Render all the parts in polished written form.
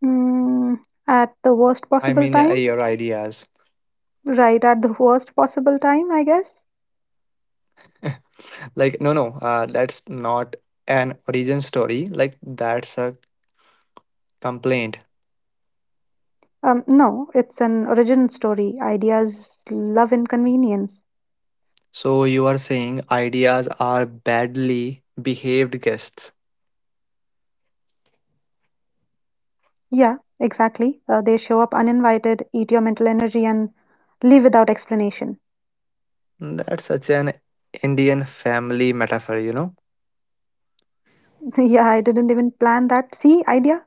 Mm, at the worst I possible mean, time? your ideas. Right, at the worst possible time, I guess. Like, no, no, that's not an origin story. Like, that's a complaint. No, it's an origin story. Ideas love inconvenience. So, you are saying ideas are badly behaved guests. Yeah, exactly. They show up uninvited, eat your mental energy, and leave without explanation. That's such an Indian family metaphor, you know? Yeah, I didn't even plan that. See, idea?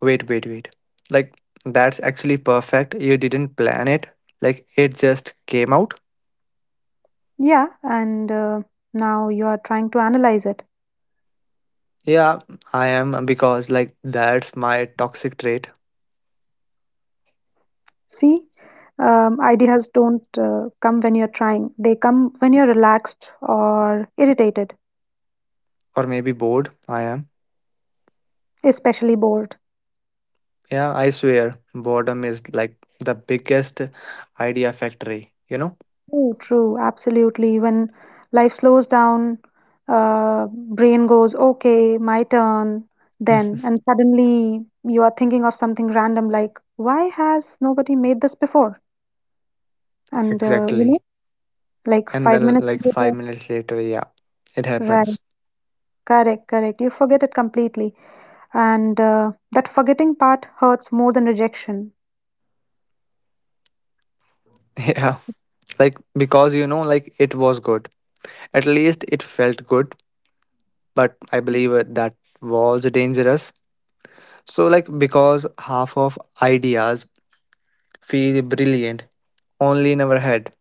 Wait, wait, wait. Like, that's actually perfect. You didn't plan it, like, it just came out. Yeah, and now you are trying to analyze it. Yeah, I am because like that's my toxic trait, See, ideas don't come when you're trying, they come when you're relaxed or irritated. or maybe bored. I am. Especially bored. Yeah, I swear, boredom is like the biggest idea factory, you know? True, true, absolutely. When life slows down, brain goes, okay, my turn, then, and suddenly you are thinking of something random like, why has nobody made this before? And Exactly. like And five then minutes like five later, minutes later, yeah, it right, happens. correct, correct. You forget it completely, and that forgetting part hurts more than rejection. Yeah, like because like it was good. At least it felt good, but I believe that was dangerous. So, like, because half of ideas feel brilliant only in our head.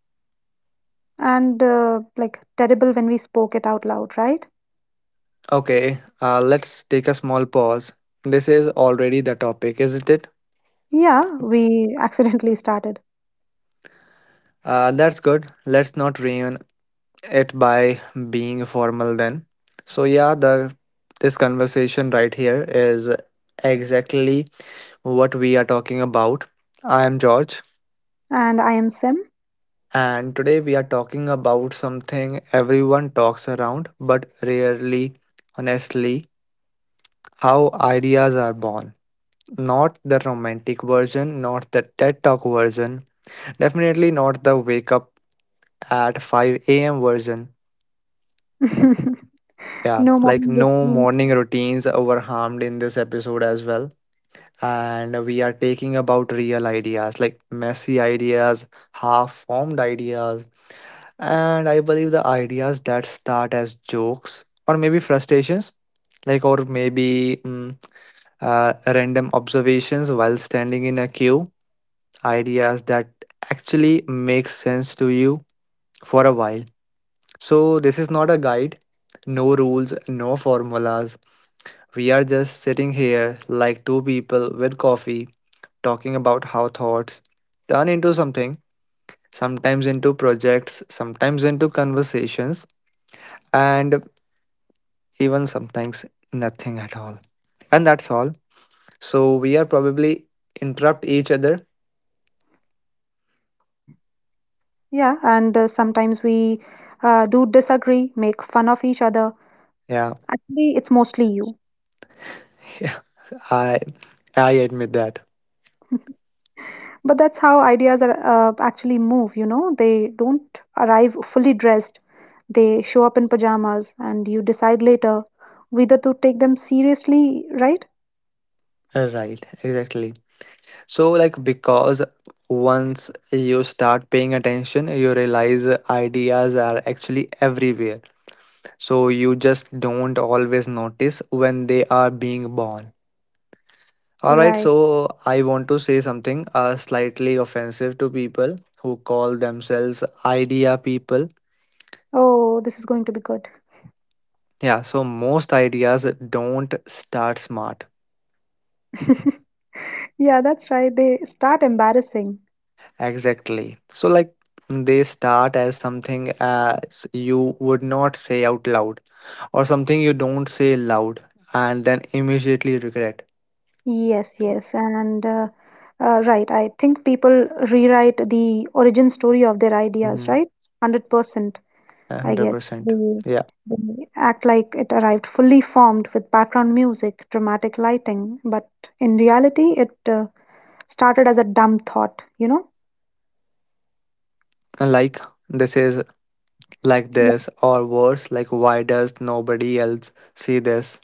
And like terrible when we spoke it out loud, right? Okay, let's take a small pause. This is already the topic, isn't it? Yeah, we accidentally started. That's good. Let's not ruin it by being formal then. So yeah, the this conversation right here is exactly what we are talking about. I am George, And I am Sim. and today we are talking about something everyone talks around, but rarely, honestly, how ideas are born. Not the romantic version, not the TED Talk version, definitely not the wake up at 5 a.m. version. Yeah, No like morning no routine. morning routines were harmed in this episode as well. And we are taking about real ideas, like messy ideas, half formed ideas, and I believe the ideas that start as jokes or maybe frustrations, like or maybe random observations while standing in a queue, ideas that actually make sense to you for a while. So, this is not a guide, no rules, no formulas. We are just sitting here like two people with coffee talking about how thoughts turn into something, sometimes into projects, sometimes into conversations, and even sometimes nothing at all. And that's all. So, we are probably interrupt each other. Yeah, and sometimes we do disagree, make fun of each other. Yeah, Actually, it's mostly you. I I admit that. But that's how ideas are actually move, They don't arrive fully dressed. They show up in pajamas, and you decide later whether to take them seriously, right? Right, exactly. So, like, because once you start paying attention, you realize ideas are actually everywhere. So, you just don't always notice when they are being born. Alright, Right. so I want to say something slightly offensive to people who call themselves idea people. Oh, this is going to be good. Yeah, so most ideas don't start smart. Yeah, that's right. They start embarrassing. Exactly. So, like, they start as something as you would not say out loud or something you don't say loud and then immediately regret. Yes, yes, and right. I think people rewrite the origin story of their ideas, Mhm, right? 100%, I guess. 100%. They, Yeah. they act like it arrived fully formed with background music, dramatic lighting, but in reality, it started as a dumb thought, you know? And like this is like this, or worse, like why does nobody else see this?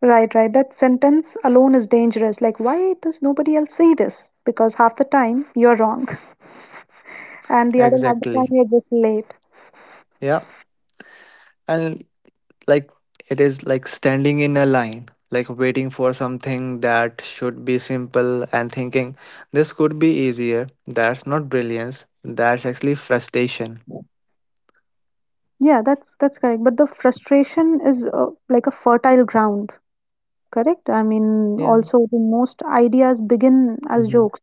Right, right. That sentence alone is dangerous. Like, why does nobody else say this? Because half the time you're wrong, and the other half the time Exactly. you're just late. Yeah. And like it is like standing in a line, like waiting for something that should be simple and thinking this could be easier. That's not brilliance. That's actually frustration. Yeah, that's correct. But the frustration is like a fertile ground, correct? I mean, Yeah. also the most ideas begin as Mhm. jokes.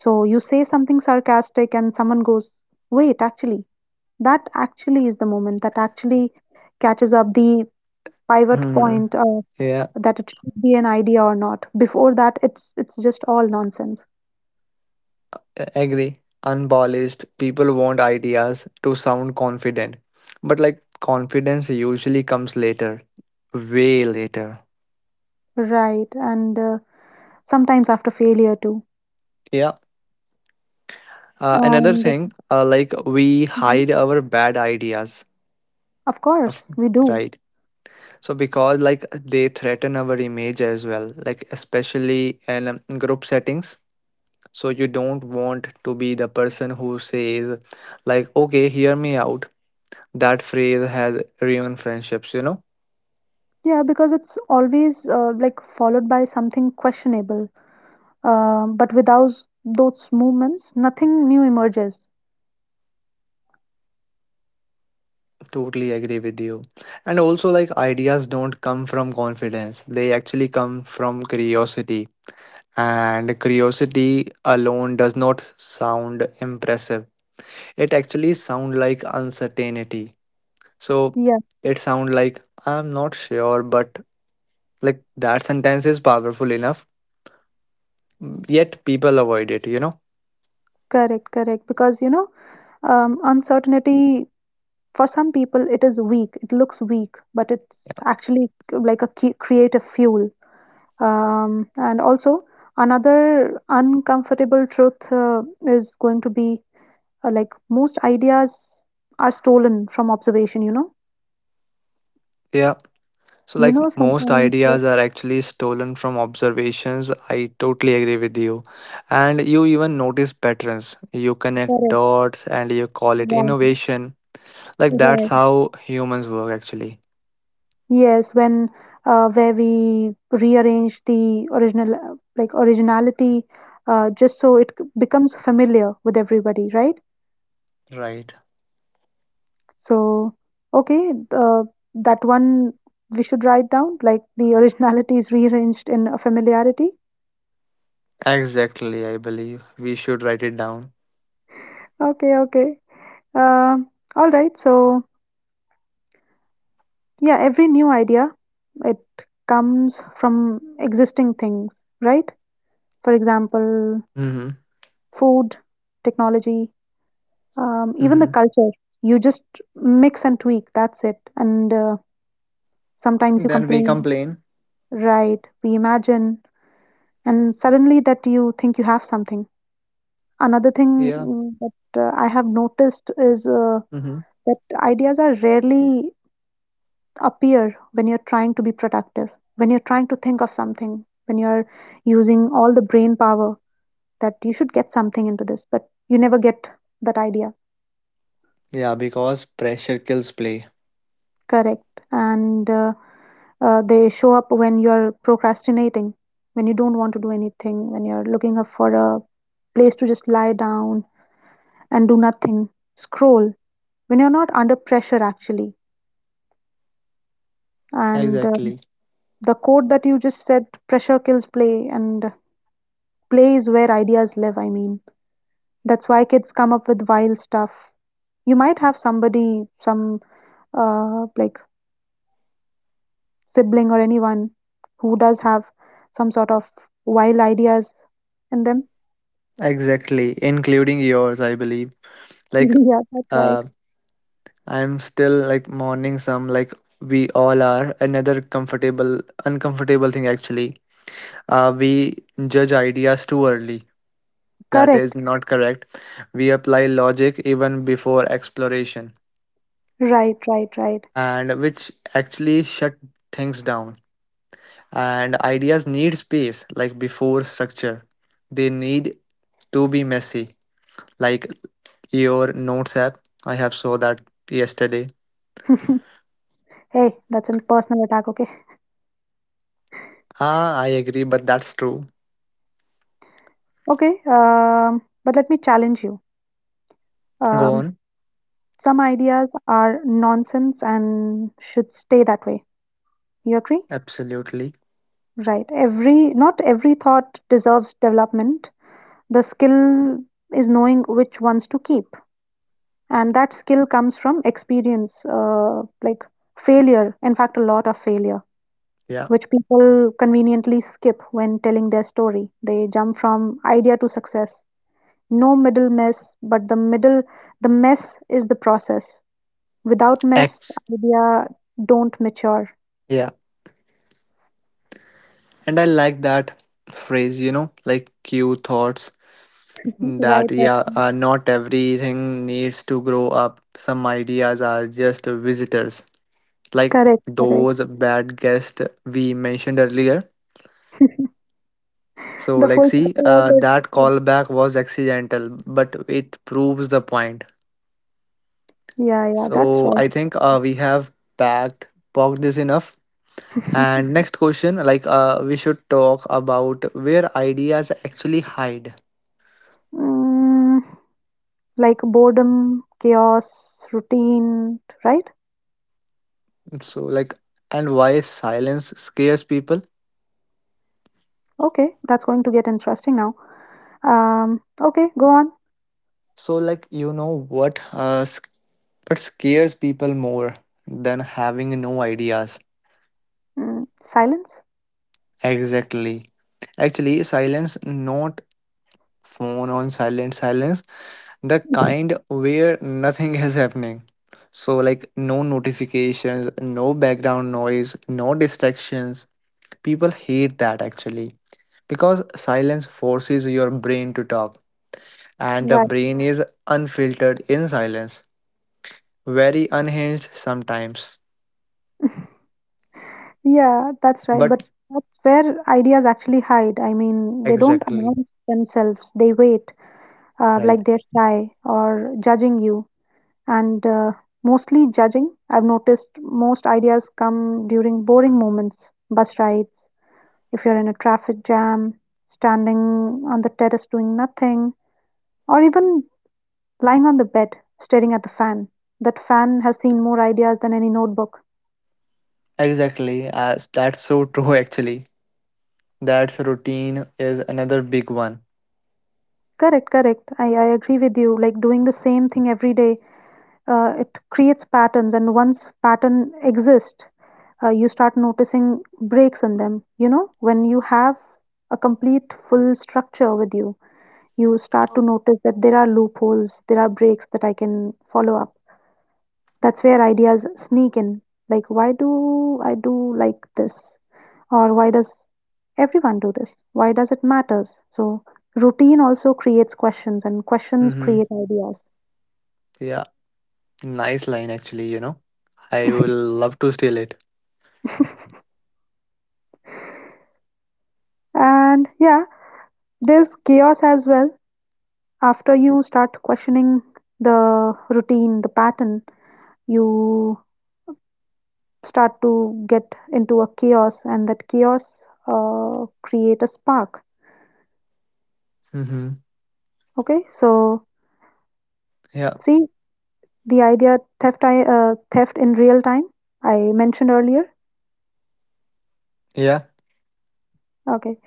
So you say something sarcastic, and someone goes, "Wait, actually, that actually is the moment that actually catches up the pivot Mhm. point Yeah. that it should be an idea or not." Before that, it's just all nonsense, Agree. Unpolished people want ideas to sound confident, but like confidence usually comes later, way later. right? And sometimes after failure too. Yeah. Uh, another And thing, like we mhm, hide our bad ideas. of of- course, we do. right, so because like they threaten our image as well, like especially in group settings. So you don't want to be the person who says like, okay, hear me out. That phrase has ruined friendships, you know. Yeah, because it's always like followed by something questionable. But without those movements, nothing new emerges. Totally agree with you. And also, like, ideas don't come from confidence, they actually come from curiosity. And curiosity alone does not sound impressive, it actually sound like uncertainty. So, Yeah, it sound like I'm not sure, but like that sentence is powerful enough, yet people avoid it, you know? correct, correct. Because uncertainty for some people it is weak. It looks weak, but it's actually like a key creative fuel. And also another uncomfortable truth is going to be like most ideas are stolen from observation. You know, Yeah. So, you like know most sometimes. ideas are actually stolen from observations. I totally agree with you. And you even notice patterns. You connect uh, dots and you call it Right, innovation. Like, that's right. how humans work, actually. Yes, when where we rearrange the original like originality just so it becomes familiar with everybody, right? Right. So okay, that one we should write down like the originality is rearranged in a familiarity. Exactly, I believe. We should write it down. Okay, okay. Um, all right. So yeah, every new idea it comes from existing things, right? For example, Mm-hmm. food, technology, even the Mm-hmm. culture, you just mix and tweak, that's it. And sometimes you Then we complain, complain. right? We imagine, and suddenly that you think you have something. Another thing Yeah. That I have noticed is Mm-hmm. that ideas are rarely appear when you're trying to be productive, when you're trying to think of something, when you're using all the brain power that you should get something into this, but you never get that idea. Yeah, because pressure kills play. Correct. And they show up when you're procrastinating, when you don't want to do anything, when you're looking up for a place to just lie down and do nothing, scroll, when you're not under pressure, actually. And Exactly. the quote that you just said pressure kills play, and play is where ideas live. I mean, that's why kids come up with wild stuff. You might have somebody, some like sibling or anyone who does have some sort of wild ideas in them. Exactly. Including yours, I believe. Like, Yeah, that's right. uh. I'm still like mourning some, like we all are. Another uncomfortable thing actually. We judge ideas too early. That is Correct. not correct. We apply logic even before exploration, Right, right, right. and which actually shut things down. And ideas need space, like before structure. They need to be messy, like your notes app. I have saw that yesterday. Hey, that's a personal attack, okay? Ah, I agree, but that's true. Okay, but let me challenge you. Go Um, on. some ideas are nonsense and should stay that way. You agree? Absolutely. Right. Not every thought deserves development. The skill is knowing which ones to keep, and that skill comes from experience, like failure. In fact, a lot of failure. Yeah. Which people conveniently skip when telling their story. They jump from idea to success. No middle mess, but the middle, the mess is the process. Without mess, Ex- idea don't mature. yeah. And I like that phrase, like cue thoughts Mhm. that, Right, yeah, right. Not everything needs to grow up. Some ideas are just visitors, like Correct, correct. those bad guests we mentioned earlier. So, The like, full see, circle always. that callback was accidental, but it proves the point. Yeah, yeah, that's So, right. I think we have packed, poked this enough. And next question, like we should talk about where ideas actually hide. Mm, like boredom, chaos, routine, right? So like, and why silence scares people. Okay, that's going to get interesting now. Okay, go on. So like, you know what? What scares people more than having no ideas? Mm, silence? Exactly. Actually, silence, not phone on silent silence, the kind where nothing is happening. So like, no notifications, no background noise, no distractions. People hate that actually, because silence forces your brain to talk, and the Right. brain is unfiltered in silence, very unhinged sometimes. Yeah, that's right. But But that's where ideas actually hide. I mean, they don't exactly, announce themselves, they wait, right? like they're shy or judging you. And mostly judging, I've noticed most ideas come during boring moments, bus rides, if you're in a traffic jam, standing on the terrace doing nothing, or even lying on the bed staring at the fan. That fan has seen more ideas than any notebook. Exactly, as that's so true actually. That's routine is another big one. Correct, correct. I agree with you. Like doing the same thing every day it creates patterns, and once pattern exist, you start noticing breaks in them. You know, when you have a complete full structure with you, you start to notice that there are loopholes, there are breaks that I can follow up. That's where ideas sneak in. Like, why do I do like this? Or why does everyone do this? Why does it matters? So routine also creates questions, and questions Mm-hmm. create ideas. Yeah, nice line actually, you know. I will love to steal it. And yeah, there's chaos as well after you start questioning the routine, the pattern, you start to get into a chaos, and that chaos create a spark. Mm-hmm. Okay, so Yeah, see the idea theft theft in real time I mentioned earlier. yeah. Okay,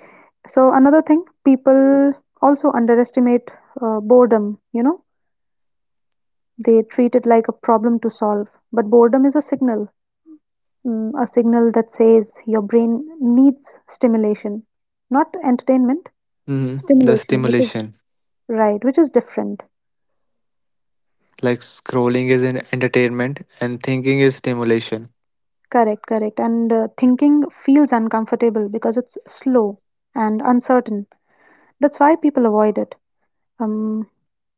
so another thing, people also underestimate boredom. You know, they treat it like a problem to solve, but boredom is a signal. A signal that says your brain needs stimulation, not entertainment, Mm-hmm. The stimulation, which is stimulation. right, which is different. Like scrolling is an entertainment and thinking is stimulation. Correct, correct. And thinking feels uncomfortable because it's slow and uncertain. That's why people avoid it. Um,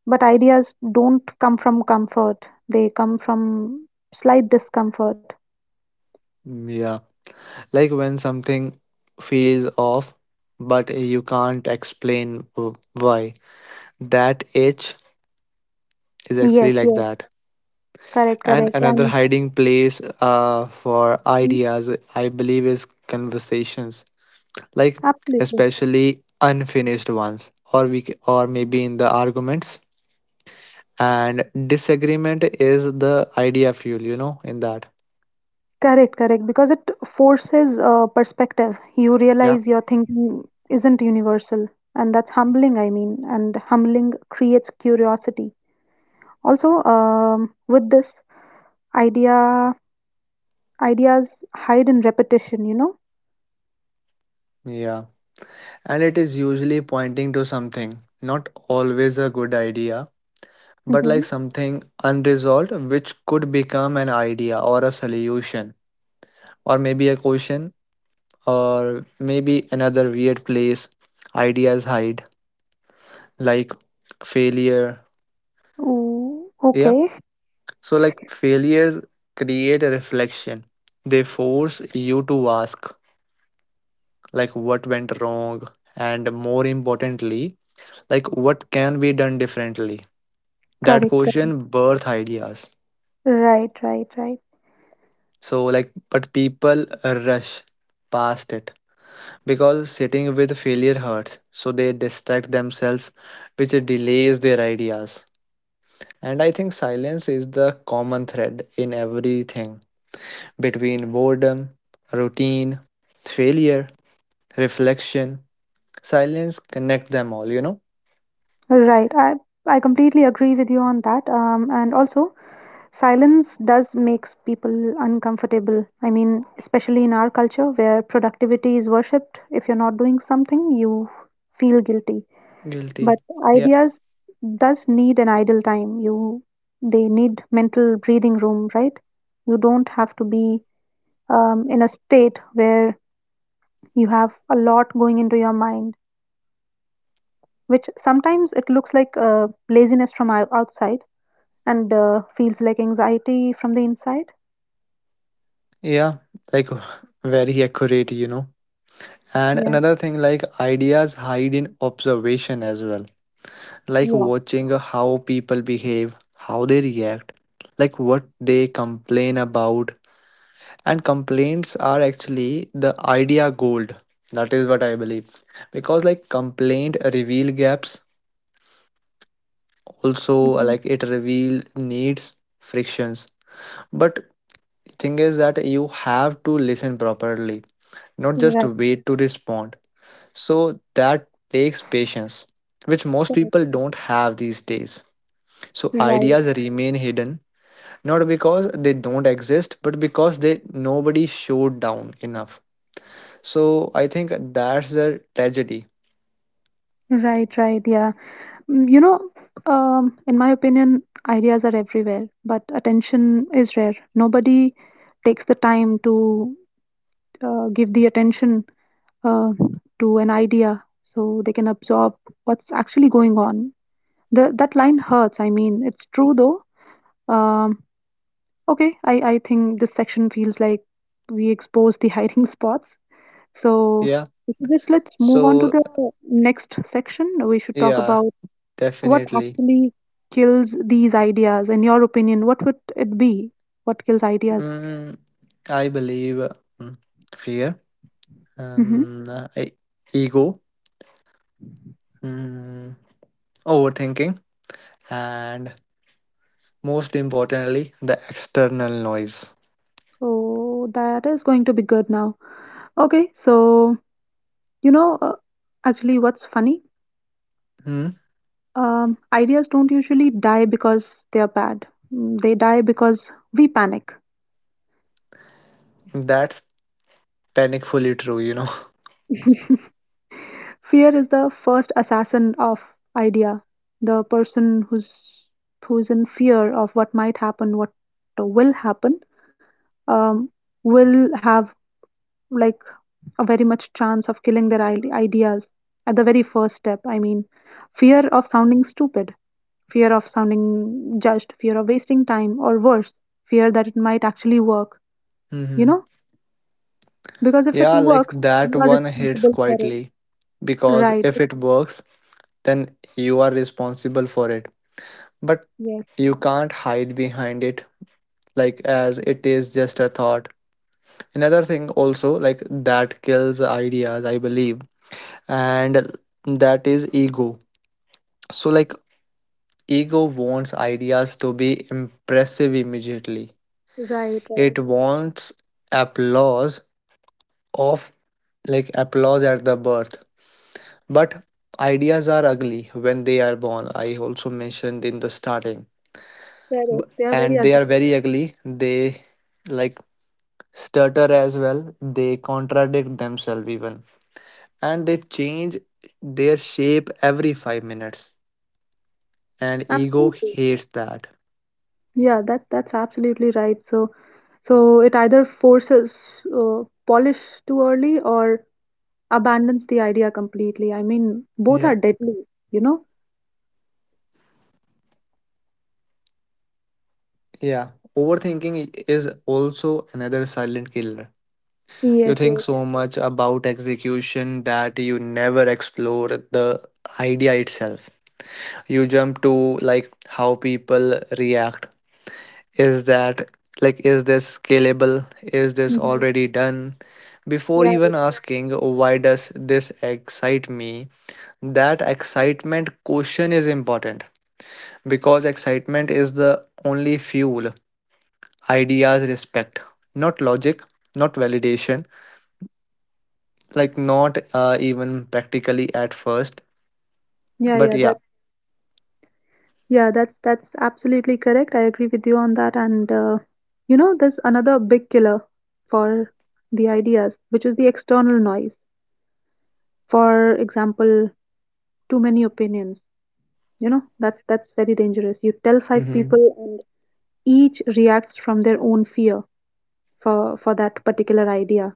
but ideas don't come from comfort, they come from slight discomfort. Yeah, like when something feels off, but you can't explain why. That itch is actually Yes, like yes, that. correct, And correct. another And hiding place for mm, ideas, I believe, is conversations, like absolutely. especially unfinished ones, or or maybe in the arguments. And disagreement is the idea fuel, you know, in that. Correct, correct. Because it forces perspective. You Yeah. realize your thinking isn't universal, and that's humbling, I mean, and humbling creates curiosity. Also, with this idea, ideas hide in repetition, you know? Yeah. And it is usually pointing to something, not always a good idea, but Mm-hmm. like something unresolved, which could become an idea or a solution, or maybe a question, or maybe another weird place ideas hide, like failure. Ooh, Yeah, okay, so like failures create a reflection, they force you to ask, like, what went wrong, and more importantly, like, what can be done differently. That correct, correct. question birth ideas. Right, right, right, So like but people rush past it because sitting with failure hurts. So they distract themselves which delays their ideas. And I think silence is the common thread in everything between boredom, routine, failure, reflection. Silence connect them all, you know? right. I completely agree with you on that. And also, silence does makes people uncomfortable. I mean, especially in our culture where productivity is worshipped. If you're not doing something, you feel guilty. Guilty. But Yeah. ideas does need an idle time. You They need mental breathing room, right? You don't have to be in a state where you have a lot going into your mind, which sometimes it looks like laziness from outside and feels like anxiety from the inside. Yeah. Like very accurate, you know. And Yeah, another thing, like ideas hide in observation as well, like yeah. watching how people behave, how they react, like what they complain about. And complaints are actually the idea gold. That is what I believe. Because like complaint reveal gaps, also Mm-hmm. like it reveal needs, frictions. But thing is that you have to listen properly, not just Right, wait to respond. So that takes patience, which most people correct. don't have these days. So Right, ideas remain hidden, not because they don't exist, but because they nobody showed down enough. So I think that's the tragedy. right, right. Yeah. Mm, You know, in my opinion, ideas are everywhere, but attention is rare. Nobody takes the time to give the attention uh, to an idea so they can absorb what's actually going on. That line hurts. I mean, it's true though. Um, okay, I think this section feels like we expose the hiding spots. So, Yeah. I suggest let's move on to So the next section. We should talk yeah, about what definitely. actually kills these ideas. In your opinion, what would it be? What kills ideas? Mm, I believe mm, fear, Hmm. um, uh, e- ego, mm, overthinking, and most importantly, the external noise. So that is going to be good now. Okay, so you know, uh, actually, what's funny? Hmm? Ideas don't usually die because they are bad. They die because we panic. That's panicfully true, you know. Fear is the first assassin of idea. The person who's in fear of what might happen, what will happen, um, will have like a very much chance of killing their ideas at the very first step. I mean, fear of sounding stupid, fear of sounding judged, fear of wasting time, or worse, fear that it might actually work. You Hmm. know, because if it Yeah, like works, that you are one hits responsible for it. quietly because Right. if it works, then you are responsible for it. But Yes. you can't hide behind it like as it is just a thought. Another thing also like that kills ideas, I believe, and that is ego. So like ego wants ideas to be impressive immediately. Right. It Right. wants applause of like applause at the birth, but ideas are ugly when they are born. I also mentioned in the starting. B- Correct. They are very and they ugly. are very ugly, they like stutter as well, they contradict themselves even, and they change their shape every 5 minutes, and ego Absolutely. hates that. Yeah, that's absolutely right. So it either forces polish too early or abandons the idea completely. I mean, both Yeah, are deadly, you know? yeah, overthinking is also another silent killer. You Yes, think yes. so much about execution that you never explore the idea itself. You jump to like how people react. Is that like is this scalable? Is this Hmm. already done? Before Yeah, even asking why does this excite me? That excitement question is important because excitement is the only fuel ideas respect, not logic, not validation, like not even practically at first, yeah, but yeah. yeah. That yeah, that's absolutely correct. I agree with you on that. And there's another big killer for the ideas, which is the external noise. For example, too many opinions. You know, that's very dangerous. You tell five Mm-hmm. people and each reacts from their own fear for for that particular idea.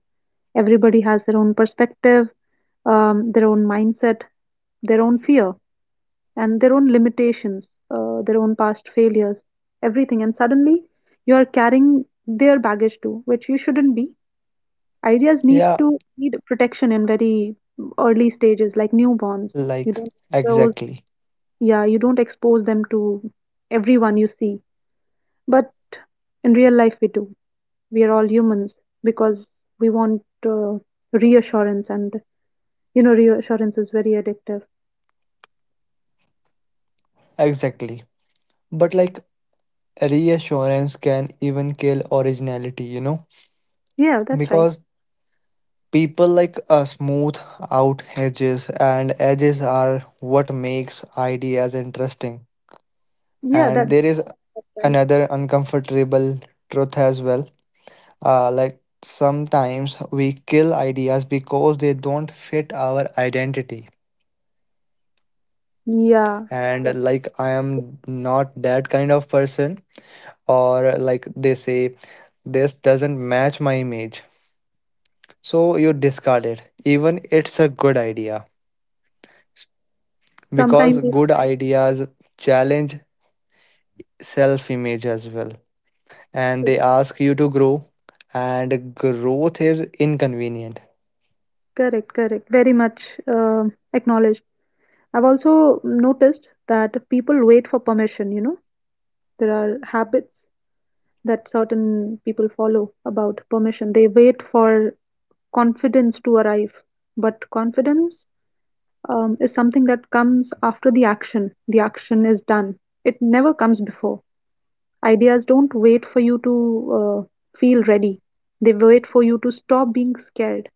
Everybody has their own perspective, their own mindset, their own fear, and their own limitations, their own past failures, everything. And suddenly you are carrying their baggage too, which you shouldn't be. Ideas need Yeah, to need protection in very early stages, like newborns. You like don't expose. exactly. Yeah, you don't expose them to everyone you see. But in real life, we do. We are all humans because we want uh, reassurance, and reassurance is very addictive. Exactly. But like reassurance can even kill originality, you know? Yeah, that's right. Because people like smooth out edges and edges are what makes ideas interesting. Yeah, And that's there is right. another uncomfortable truth as well. Like sometimes we kill ideas because they don't fit our identity. Yeah, And yeah. like I am not that kind of person, or like they say, this doesn't match my image. So you discard it, even it's a good idea because Sometimes good ideas challenge self image as well, and they it's ask you to grow, and growth is inconvenient. correct, correct. Very much uh, acknowledged. I've also noticed that people wait for permission, you know, there are habits that certain people follow about permission. They wait for confidence to arrive, but confidence is something that comes after the action. The action is done. It never comes before. Ideas don't wait for you to feel ready. They wait for you to stop being scared.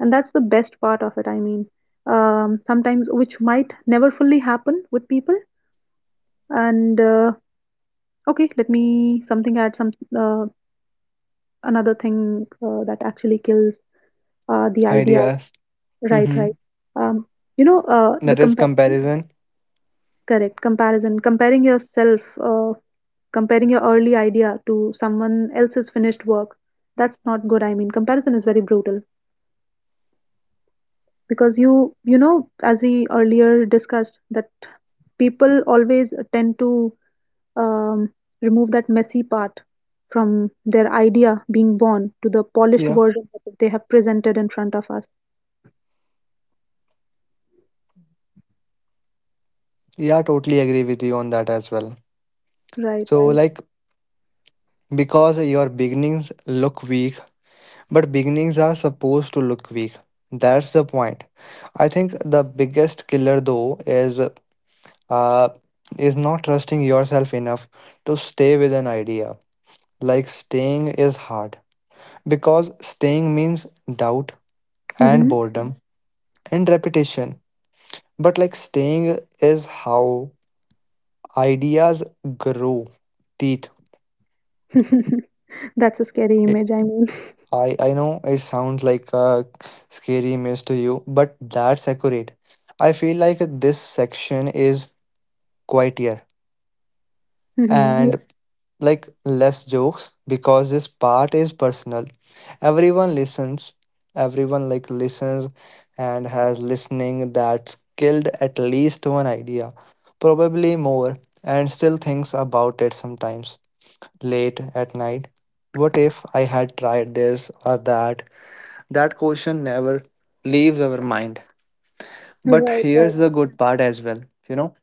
And that's the best part of it, I mean. Sometimes, which might never fully happen with people. And Okay, let me something add some another thing that actually kills the idea. Ideas. Right, Mm-hmm. right. Um, you know, the That is comparison. comparison. Correct. Comparison. Comparing yourself, comparing your early idea to someone else's finished work. That's not good, I mean. Comparison is very brutal because you know, as we earlier discussed, that people always tend to um, remove that messy part, from their idea being born to the polished Yeah. version that they have presented in front of us. Yeah, totally agree with you on that as well. Right, So, right. like, because your beginnings look weak. But beginnings are supposed to look weak. That's the point. I think the biggest killer though uh is not trusting yourself enough to stay with an idea. Like staying is hard because staying means doubt and Hmm. boredom and repetition. But like staying is how ideas grow teeth. That's a scary image, I mean. I know it sounds like a scary mess to you, but that's accurate. I feel like this section is quieter Hmm. and like less jokes because this part is personal. Everyone listens, everyone like listens and has listening that's killed at least one idea, probably more, and still thinks about it sometimes late at night. What if I had tried this or that? That question never leaves our mind. Yeah, But right, right. here's the good part as well, you know,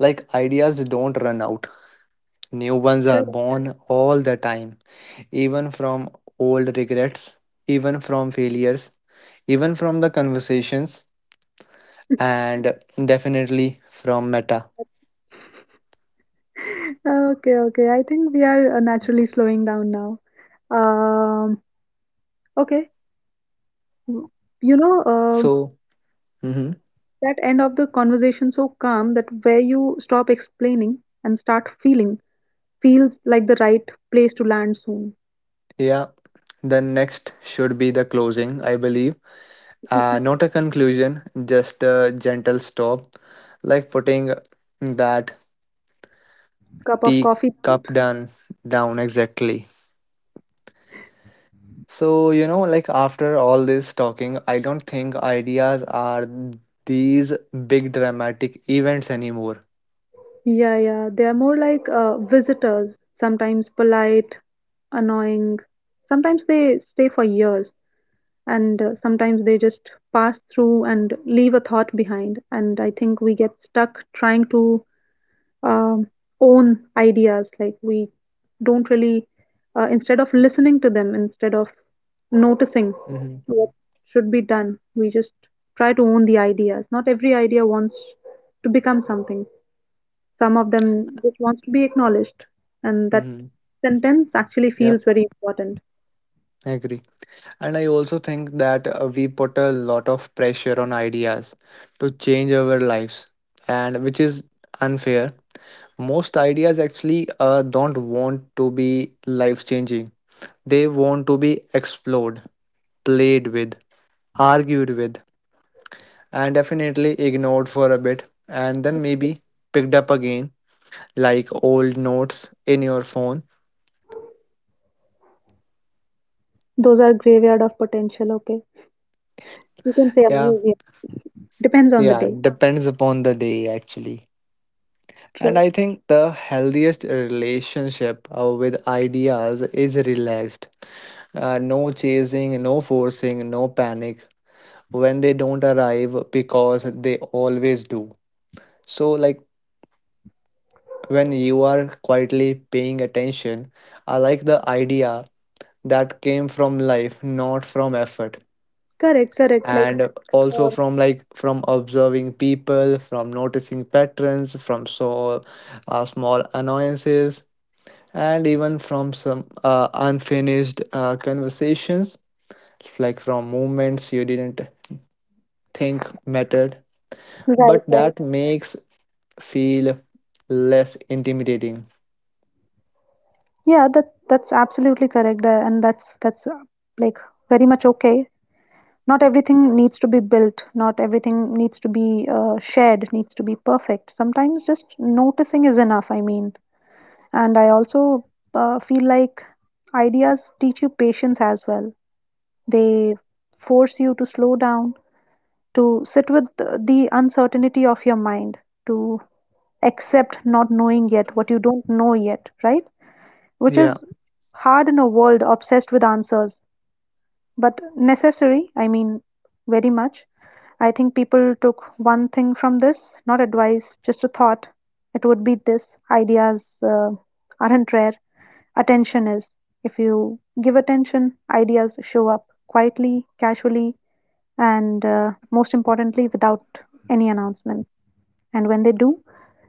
like ideas don't run out. New ones are born all the time, even from old regrets, even from failures, even from the conversations, and definitely from Meta. Okay, okay. I think we are naturally slowing down now. Um, okay. W- You know, So, mhm, that end of the conversation so calm, that where you stop explaining and start feeling, feels like the right place to land soon. yeah, the next should be the closing, I believe. Not a conclusion, just a gentle stop, like putting that Cup of the coffee. cup down exactly. So like after all this talking, I don't think ideas are these big dramatic events anymore. Yeah, yeah. They are more like visitors, sometimes polite, annoying. Sometimes they stay for years, and sometimes they just pass through and leave a thought behind. And I think we get stuck trying to um, own ideas, like we don't really instead of listening to them, instead of noticing Mm-hmm. what should be done, we just try to own the ideas. Not every idea wants to become something. Some of them just wants to be acknowledged, and that Mm-hmm. sentence actually Yeah, feels very important. I agree, and I also think that we put a lot of pressure on ideas to change our lives, and which is unfair. Most ideas actually don't want to be life changing, they want to be explored, played with, argued with, and definitely ignored for a bit, and then maybe picked up again, like old notes in your phone. Those are graveyard of potential. Okay, you can say a Yeah, museum. Depends on the yeah, day. it depends upon the day actually. And True. I think the healthiest relationship with ideas is relaxed. No chasing, no forcing, no panic when they don't arrive because they always do. So, like when you are quietly paying attention, I like the idea that came from life, not from effort. Correct, correct. Like, And also uh, from like from observing people, from noticing patterns, from so small annoyances, and even from some unfinished conversations, like from moments you didn't think mattered, right, but right. that makes feel less intimidating. Yeah, that's absolutely correct, and that's like very much okay. Not everything needs to be built. Not everything needs to be shared. Needs to be perfect. Sometimes just noticing is enough, I mean. And I also feel like ideas teach you patience as well. They force you to slow down, to sit with the uncertainty of your mind, to accept not knowing yet what you don't know yet, right? Which Yeah. is hard in a world obsessed with answers, but necessary, I mean, very much. I think people took one thing from this, not advice, just a thought. It would be this: ideas aren't rare, attention is. If you give attention, ideas show up quietly, casually, and most importantly, without any announcements. And when they do,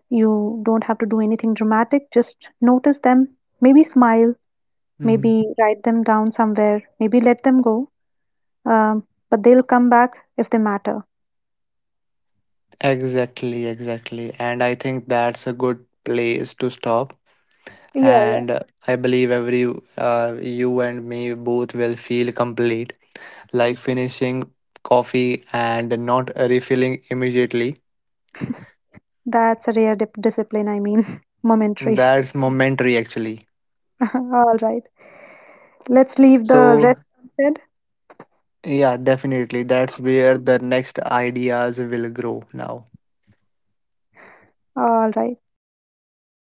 you don't have to do anything dramatic, just notice them, maybe smile, Mhm. maybe write them down somewhere, maybe let them go. Um, but they'll come back if they matter. Exactly, exactly. And I think that's a good place to stop. Yeah, yeah. And I believe every you and me both will feel complete, like finishing coffee and not refilling immediately. That's a rare discipline, I mean, momentary. That's momentary, actually. All right. Let's leave the So rest unsaid. yeah, definitely, that's where the next ideas will grow now. All right. It was lovely